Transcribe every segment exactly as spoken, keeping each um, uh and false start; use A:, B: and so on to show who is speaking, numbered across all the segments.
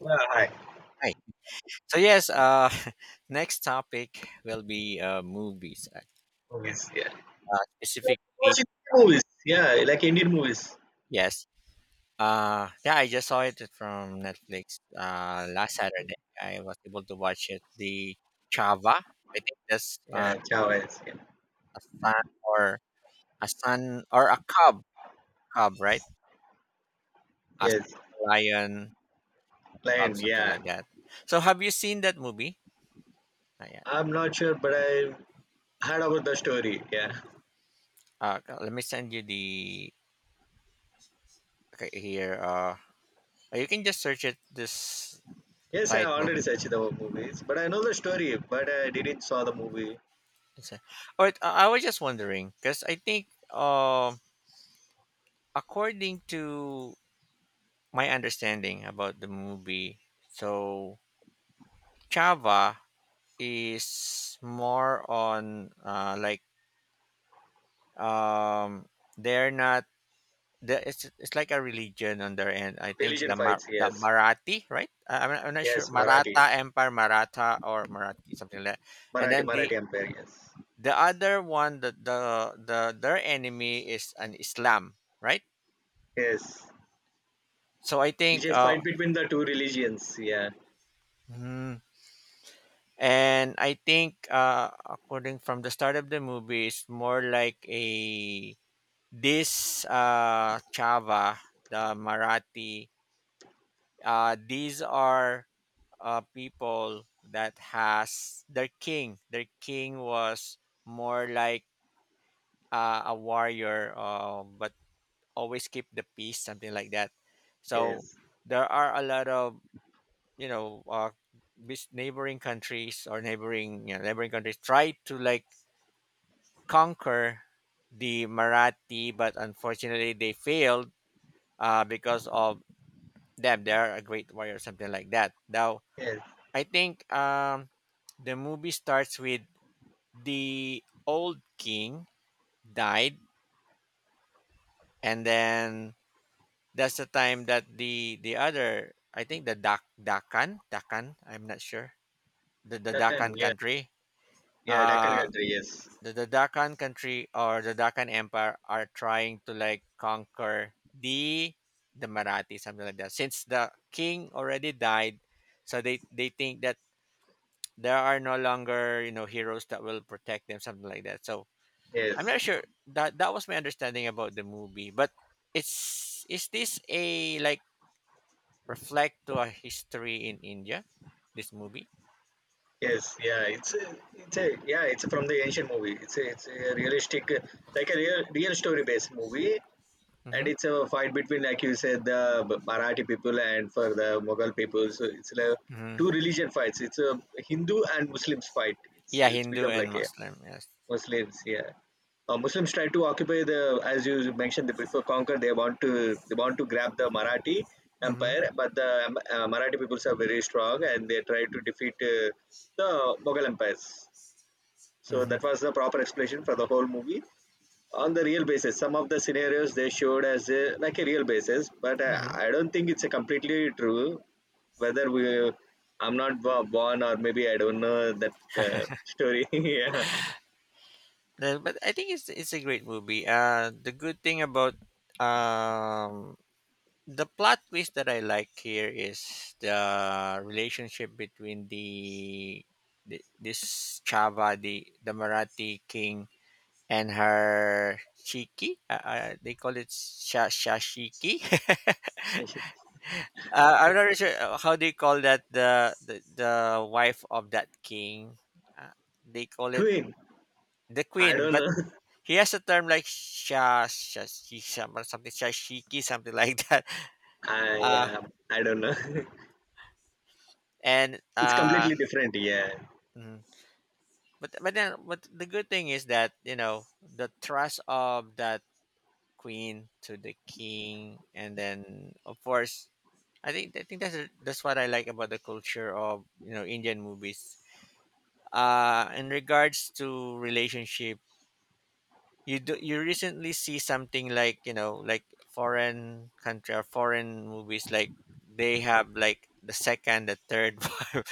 A: Yeah, hi.
B: Hi. So yes, uh, next topic will be uh, movies.
A: Movies, yeah.
B: Uh,
A: So,
B: specifically,
A: watch Indian movies, yeah, like Indian movies.
B: yes. Uh, yeah, I just saw it from Netflix uh, last Saturday. I was able to watch it. The Chava. I think that's uh,
A: Yeah, Chavez, yeah.
B: a son or a son or a cub, cub, right? A
A: Yes,
B: lion cub,
A: lion,
B: something
A: yeah.
B: like that. So have you seen that movie? Not yet.
A: I'm not sure, but I heard about the story, yeah.
B: Uh, let me send you the okay, here. Uh, you can just search it. This
A: Yes, I
B: title.
A: already searched
B: Mm-hmm.
A: the movies, but I know the story, but I didn't saw the movie.
B: It's a- All right. I I was just wondering because I think, um, according to my understanding about the movie, so Chava is more on uh, like um, they're not. The, it's, it's like a religion on their end. I think
A: Religion
B: the Mar-
A: fights,
B: the
A: yes.
B: Marathi, right? I, I'm, not, I'm not sure.
A: Yes, Marathi.
B: Maratha Empire, Maratha or Marathi, something like that. And
A: Marathi,
B: then the
A: Marathi Empire, yes.
B: the other one, the the, the their enemy is an Islam, right?
A: Yes.
B: So I
A: You
B: think,
A: just
B: uh,
A: fight between the two religions, yeah.
B: mhm, and I think, uh, according from the start of the movie, it's more like a this uh, Chava, the Marathi. Uh, these are uh, people that has their king. Their king was more like uh, a warrior, uh, but always keep the peace, something like that. So
A: Yes,
B: there are a lot of you know uh, these neighboring countries or neighboring you know, neighboring countries tried to like conquer the Marathi, but unfortunately they failed uh, because of them. They are a great warrior, something like that. Now
A: yes.
B: I think um, the movie starts with the old king died, and then that's the time that the the other, I think the Dak Dakan Dakan, I'm not sure, the the
A: Deccan,
B: Dakan
A: yeah.
B: country,
A: Yeah, Deccan
B: uh
A: country, yes.
B: the, the Deccan country or the Deccan Empire are trying to like conquer the the Marathi, something like that. Since the king already died, so they they think that there are no longer you know heroes that will protect them, something like that. So I'm
A: Yes.
B: not sure that that was my understanding about the movie. But it's, is this a like reflect to a history in India? This movie.
A: Yes, yeah, it's a, it's a yeah, it's from the ancient movie. It's a, it's a realistic, uh, like a real real story based movie, and
B: Mm-hmm.
A: it's a fight between, like you said, the B- Marathi people and for the Mughal people. So it's like
B: Mm-hmm.
A: two religion fights. It's a Hindu and Muslims fight. It's
B: Yeah,
A: it's
B: Hindu
A: become
B: and
A: like a
B: Muslim. Yes.
A: Muslims, yeah. Uh, Muslims try to occupy the, as you mentioned, the before conquer. They want to they want to grab the Marathi
B: Mm-hmm.
A: empire, but the um, uh, Marathi peoples are very strong, and they try to defeat uh, the Mughal empires. So
B: Mm-hmm.
A: that was the proper explanation for the whole movie on the real basis. Some of the scenarios they showed as a, like a real basis, but uh, I don't think it's a completely true. Whether we, I'm not bo- born, or maybe I don't know that uh, story. yeah.
B: No, but I think it's it's a great movie. Uh, the good thing about um the plot twist that I like here is the relationship between the, the this Chava, the the Marathi king, and her Shiki. Uh, uh, they call it Sha Shashiki.
A: Yes, sure.
B: uh, I'm not really sure uh, how they call that the the, the wife of that king. Uh, they call it
A: Queen.
B: the
A: I
B: queen,
A: don't
B: but
A: know.
B: he has a term like sha sha she some something shashiki, something like that.
A: I
B: Uh,
A: yeah, I don't know.
B: and
A: It's
B: uh,
A: completely different. Yeah.
B: mhm, but but then but the good thing is that you know the trust of that queen to the king, and then of course I think I think that's that's what I like about the culture of you know Indian movies. Uh, in regards to relationship, you do you recently see something like you know like foreign country or foreign movies like they have like the second, the third one,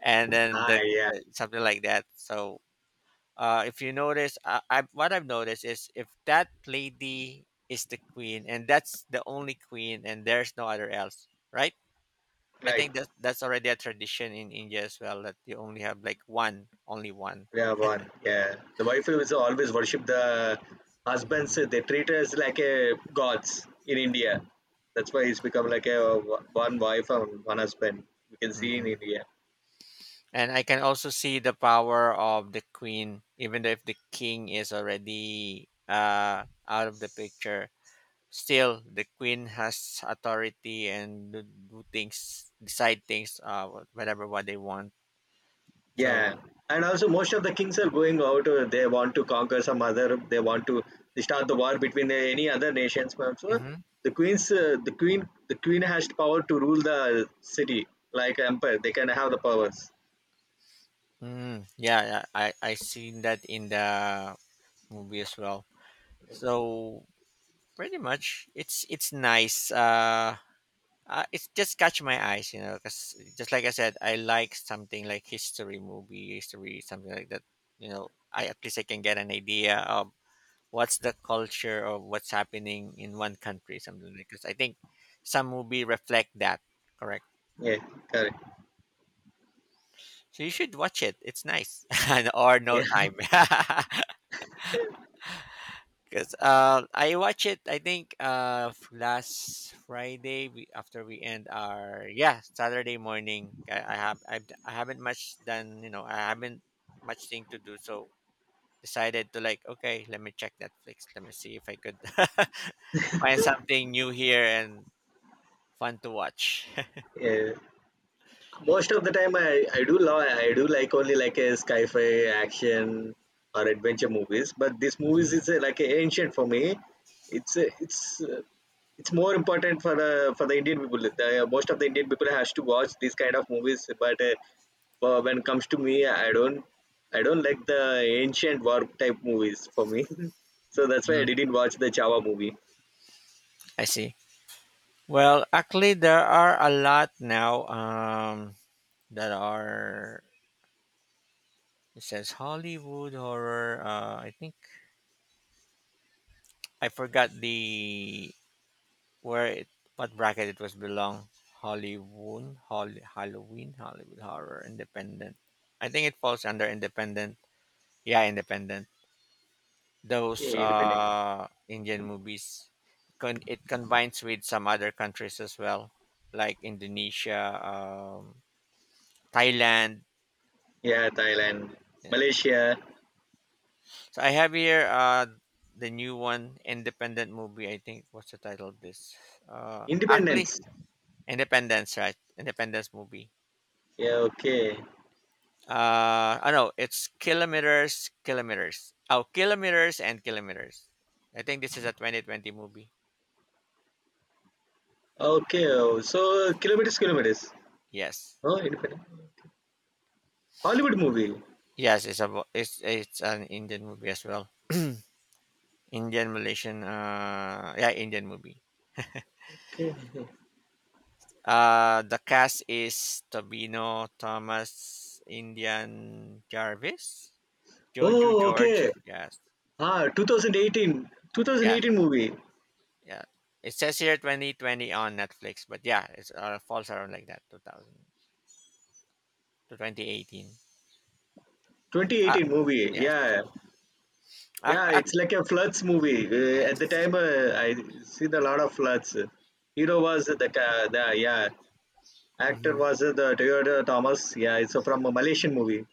B: and then the,
A: Hi. Yeah.
B: the something like that. So uh, if you notice uh, I, what I've noticed is if that lady is the queen and that's the only queen and there's no other else, right? I
A: Right.
B: think that's that's already a tradition in India as well, that you only have like one only one.
A: We have one. Yeah. The wife is always worship the husbands. They treat us like a gods in India. That's why it's become like a one wife and one husband. We can see in
B: Hmm.
A: India.
B: And I can also see the power of the queen, even though if the king is already uh, out of the picture. Still, the queen has authority and do do things, decide things, uh, wh- whatever what they want. So,
A: Yeah, and also most of the kings are going out. uh, They want to conquer some other. They want to start the war between uh, any other nations. But so
B: mhm.
A: the queens, uh, the queen, the queen has the power to rule the city like empire. They can have the powers.
B: Mm, yeah, I I seen that in the movie as well. So pretty much, it's it's nice. Uh, Uh, it's just catch my eyes, you know, because just like I said, I like something like history movie, history, something like that. You know, I, at least I can get an idea of what's the culture of what's happening in one country, something like, because I think some movie reflect that, correct?
A: Yeah, correct.
B: So you should watch it. It's nice, or no
A: Yeah,
B: time. Cause uh, I watch it. I think uh f- last Friday we, after we end our, yeah, Saturday morning. I, I have I, I haven't much done, you know I haven't much thing to do, so decided to like, okay, let me check Netflix, let me see if I could find something new here and fun to watch.
A: yeah. Most of the time, I, I do love I do like only like a sci-fi action or adventure movies. But this movies
B: Mhm,
A: is uh, like a ancient for me. It's uh, it's uh, it's more important for the for the Indian people. The, most of the Indian people has to watch these kind of movies. But uh, for when it comes to me, I don't I don't like the ancient war type movies for me. So that's why I
B: mhm.
A: didn't watch the Chawa movie.
B: I see. Well, actually, there are a lot now um, that are. It says Hollywood horror. Uh, I think. I forgot the, where it, what bracket it was belong. Hollywood, Holly, Halloween, Hollywood Horror, Independent. I think it falls under Independent. Yeah, Independent. Those
A: Okay, independent.
B: uh, Indian movies. Con- it combines with some other countries as well, like Indonesia, um, Thailand.
A: Yeah, Thailand,
B: Yeah.
A: Malaysia,
B: So I have here uh, the new one independent movie. I think what's the title of this? Uh, actually,
A: independence.
B: Independence, right? Independence movie.
A: Yeah, okay.
B: Uh, I know it's kilometers, kilometers. Oh, kilometers and kilometers. I think this is a twenty twenty movie.
A: Okay, oh, so kilometers, kilometers.
B: Yes,
A: Oh, independent. Hollywood movie.
B: yes, it's a it's it's an Indian movie as well. Indian Malaysian, uh, yeah, Indian movie.
A: Okay.
B: Uh, the cast is Tobino Thomas, Indian Jarvis, Jojo
A: Oh,
B: George.
A: okay.
B: Yes,
A: Ah, two thousand eighteen, two thousand
B: yes.
A: eighteen movie.
B: Yeah, it says here twenty twenty on Netflix, but yeah, it's uh, falls around like that two thousand to twenty eighteen. Uh,
A: twenty eighteen movie.
B: yes,
A: Yeah. Yeah,
B: Ac- ac-
A: it's like a floods movie. Uh, at the
B: yes,
A: time, uh, I see the lot of floods. Hero was the, ca- the yeah. Actor
B: hmm,
A: was the Toyota Thomas. Yeah, it's from a Malaysian movie.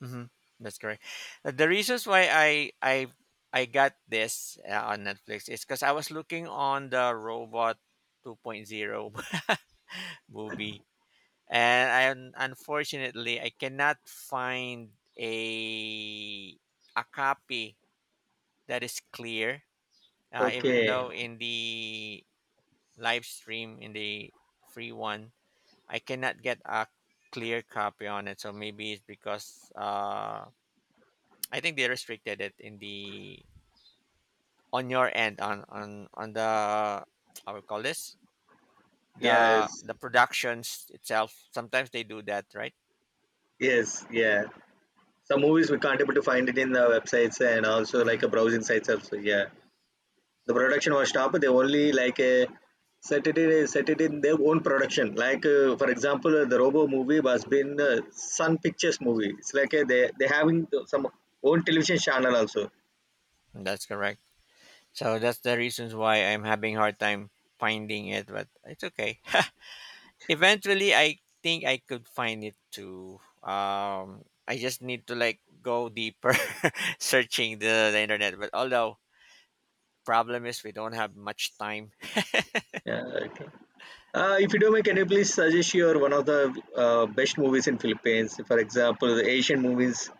B: hmm, that's correct. Uh, The reasons why I I I got this uh, on Netflix is because I was looking on the Robot 2.0 movie, and I un- unfortunately I cannot find a a copy that is clear uh, even
A: Okay.
B: though in the live stream in the free one. I cannot get a clear copy on it, so maybe it's because uh, I think they restricted it in the, on your end, on on on the, I would call this
A: Yes.
B: the the productions itself. Sometimes they do that, right?
A: Yes. Yeah. Some movies we can't able to find it in the websites and also
B: Mm-hmm.
A: like a browsing sites also. Yeah, the production was stopped. They only like uh, set it in, set it in their own production. Like uh, for example, uh, the Robo movie was been uh, Sun Pictures movie. It's like uh, they they having the- some own television channel also.
B: That's correct. So that's the reasons why I'm having hard time finding it, but it's okay. Eventually, I think I could find it too. Um, I just need to like go deeper searching the, the internet. But although problem is we don't have much time.
A: Yeah. Okay. Uh, if you do, may can you please suggest your one of the uh, best movies in Philippines? For example, the Asian movies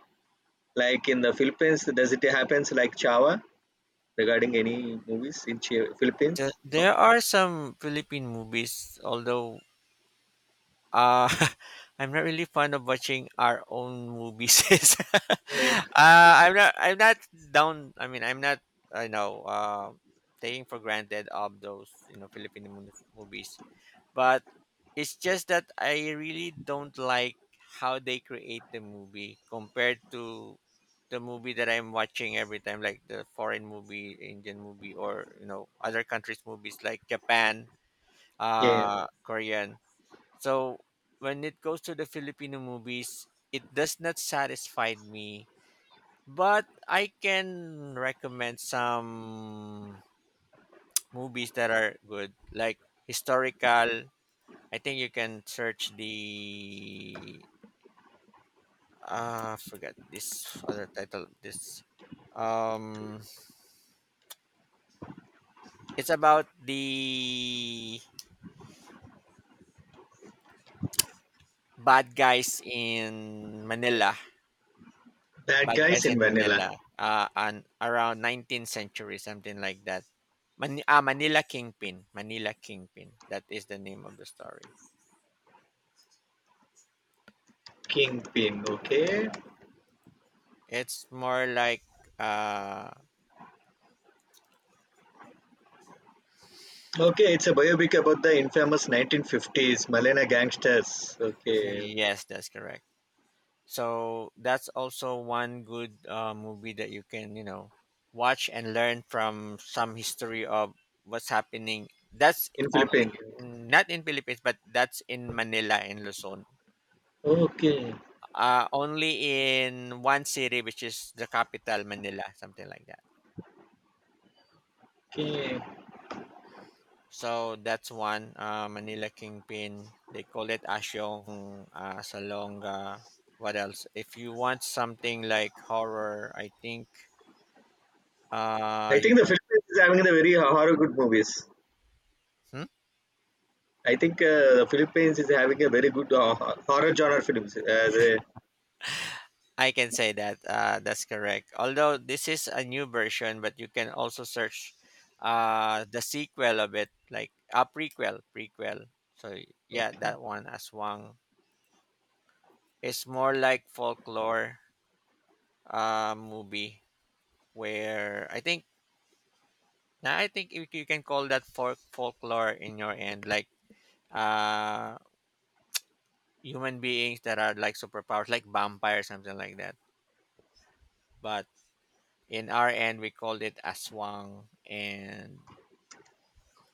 A: like in the Philippines, does it happens like Chava, regarding any movies in Chi-
B: The,
A: Philippines? No?
B: there are some Philippine movies, although uh, I'm not really fond of watching our own movies.
A: Oh,
B: uh, I'm not. I'm not down. I mean, I'm not. I know. Uh, taking for granted of those you know Philippine mo- movies, but it's just that I really don't like how they create the movie compared to the movie that I'm watching every time, like the foreign movie, Indian movie, or you know other countries' movies like Japan,
A: yeah,
B: uh, Korean. So when it goes to the Filipino movies, it does not satisfy me. But I can recommend some movies that are good, like historical. I think you can search the, ah, forgot this other title, this um it's about the bad guys in Manila,
A: Bad
B: bad
A: Guys
B: guys
A: in
B: in
A: Vanilla.
B: Manila, uh, and around nineteenth century, something like that. Man- ah, Manila Kingpin, Manila Kingpin, that is the name of the story.
A: Kingpin, okay.
B: It's more like uh
A: Okay, it's a biopic about the infamous nineteen fifties Malaya gangsters. Okay,
B: yes, that's correct. So that's also one good uh, movie that you can, you know, watch and learn from some history of what's happening. That's
A: in
B: only,
A: Philippines.
B: not in Philippines, but that's in Manila in Luzon.
A: Okay,
B: Uh, only in one city, which is the capital, Manila, something like that.
A: okay.
B: So that's one uh, Manila Kingpin. They call it Asyong uh, Salonga. What else? If you want something like horror, I think
A: I
B: uh, you
A: think the Philippines is having the very horror good movies.
B: can.
A: I think uh, the Philippines is having a very good uh, horror genre films. As a,
B: I can say that uh, that's correct. Although this is a new version, but you can also search uh, the sequel of it, like a uh, prequel, prequel. So yeah, that one Aswang is more like folklore uh, movie, where I think now I think you, you can call that folk folklore in your end, like uh, human beings that are like superpowers, like vampires, something like that. But in our end, we called it Aswang, and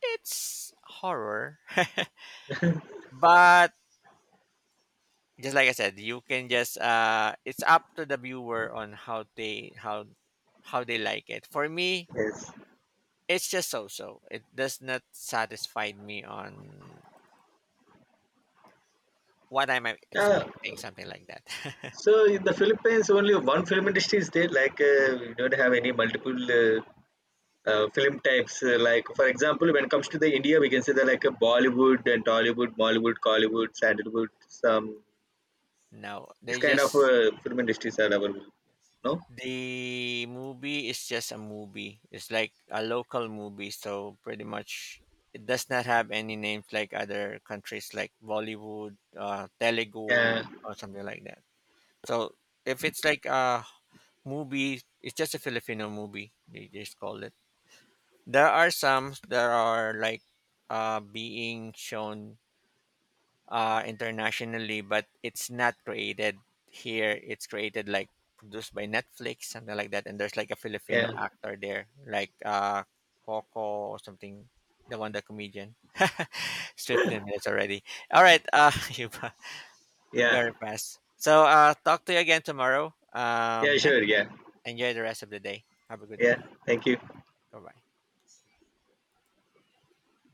B: it's horror, but just like I said, you can just uh, it's up to the viewer on how they how how they like it. For me,
A: yes.
B: it's just so-so. It does not satisfy me on what I'm
A: Yeah.
B: expecting, something like that.
A: So in the Philippines, only one film industry is there. Like uh, we don't have any multiple uh, uh, film types uh, like for example when it comes to the India, we can say that like a Bollywood and Tollywood, Mollywood, Collywood, Sandalwood, some
B: No,
A: this
B: they
A: kind of
B: just,
A: uh, film industries are available. No,
B: the movie is just a movie. It's like a local movie, so pretty much it does not have any names like other countries like Bollywood, uh, Telugu,
A: yeah,
B: or something like that. So if it's like a movie, it's just a Filipino movie. They just call it. There are some that are like uh, being shown uh, internationally, but it's not created here. It's created like produced by Netflix, something like that. And there's like a Filipino
A: yeah,
B: actor there, like uh, Coco or something, the one, the comedian. It's fifteen minutes already. All right, uh, you
A: yeah,
B: very fast. So uh, talk to you again tomorrow.
A: yeah,
B: Um, yeah,
A: sure, yeah,
B: enjoy the rest of the day. Have a good day.
A: yeah, thank you.
B: Bye bye.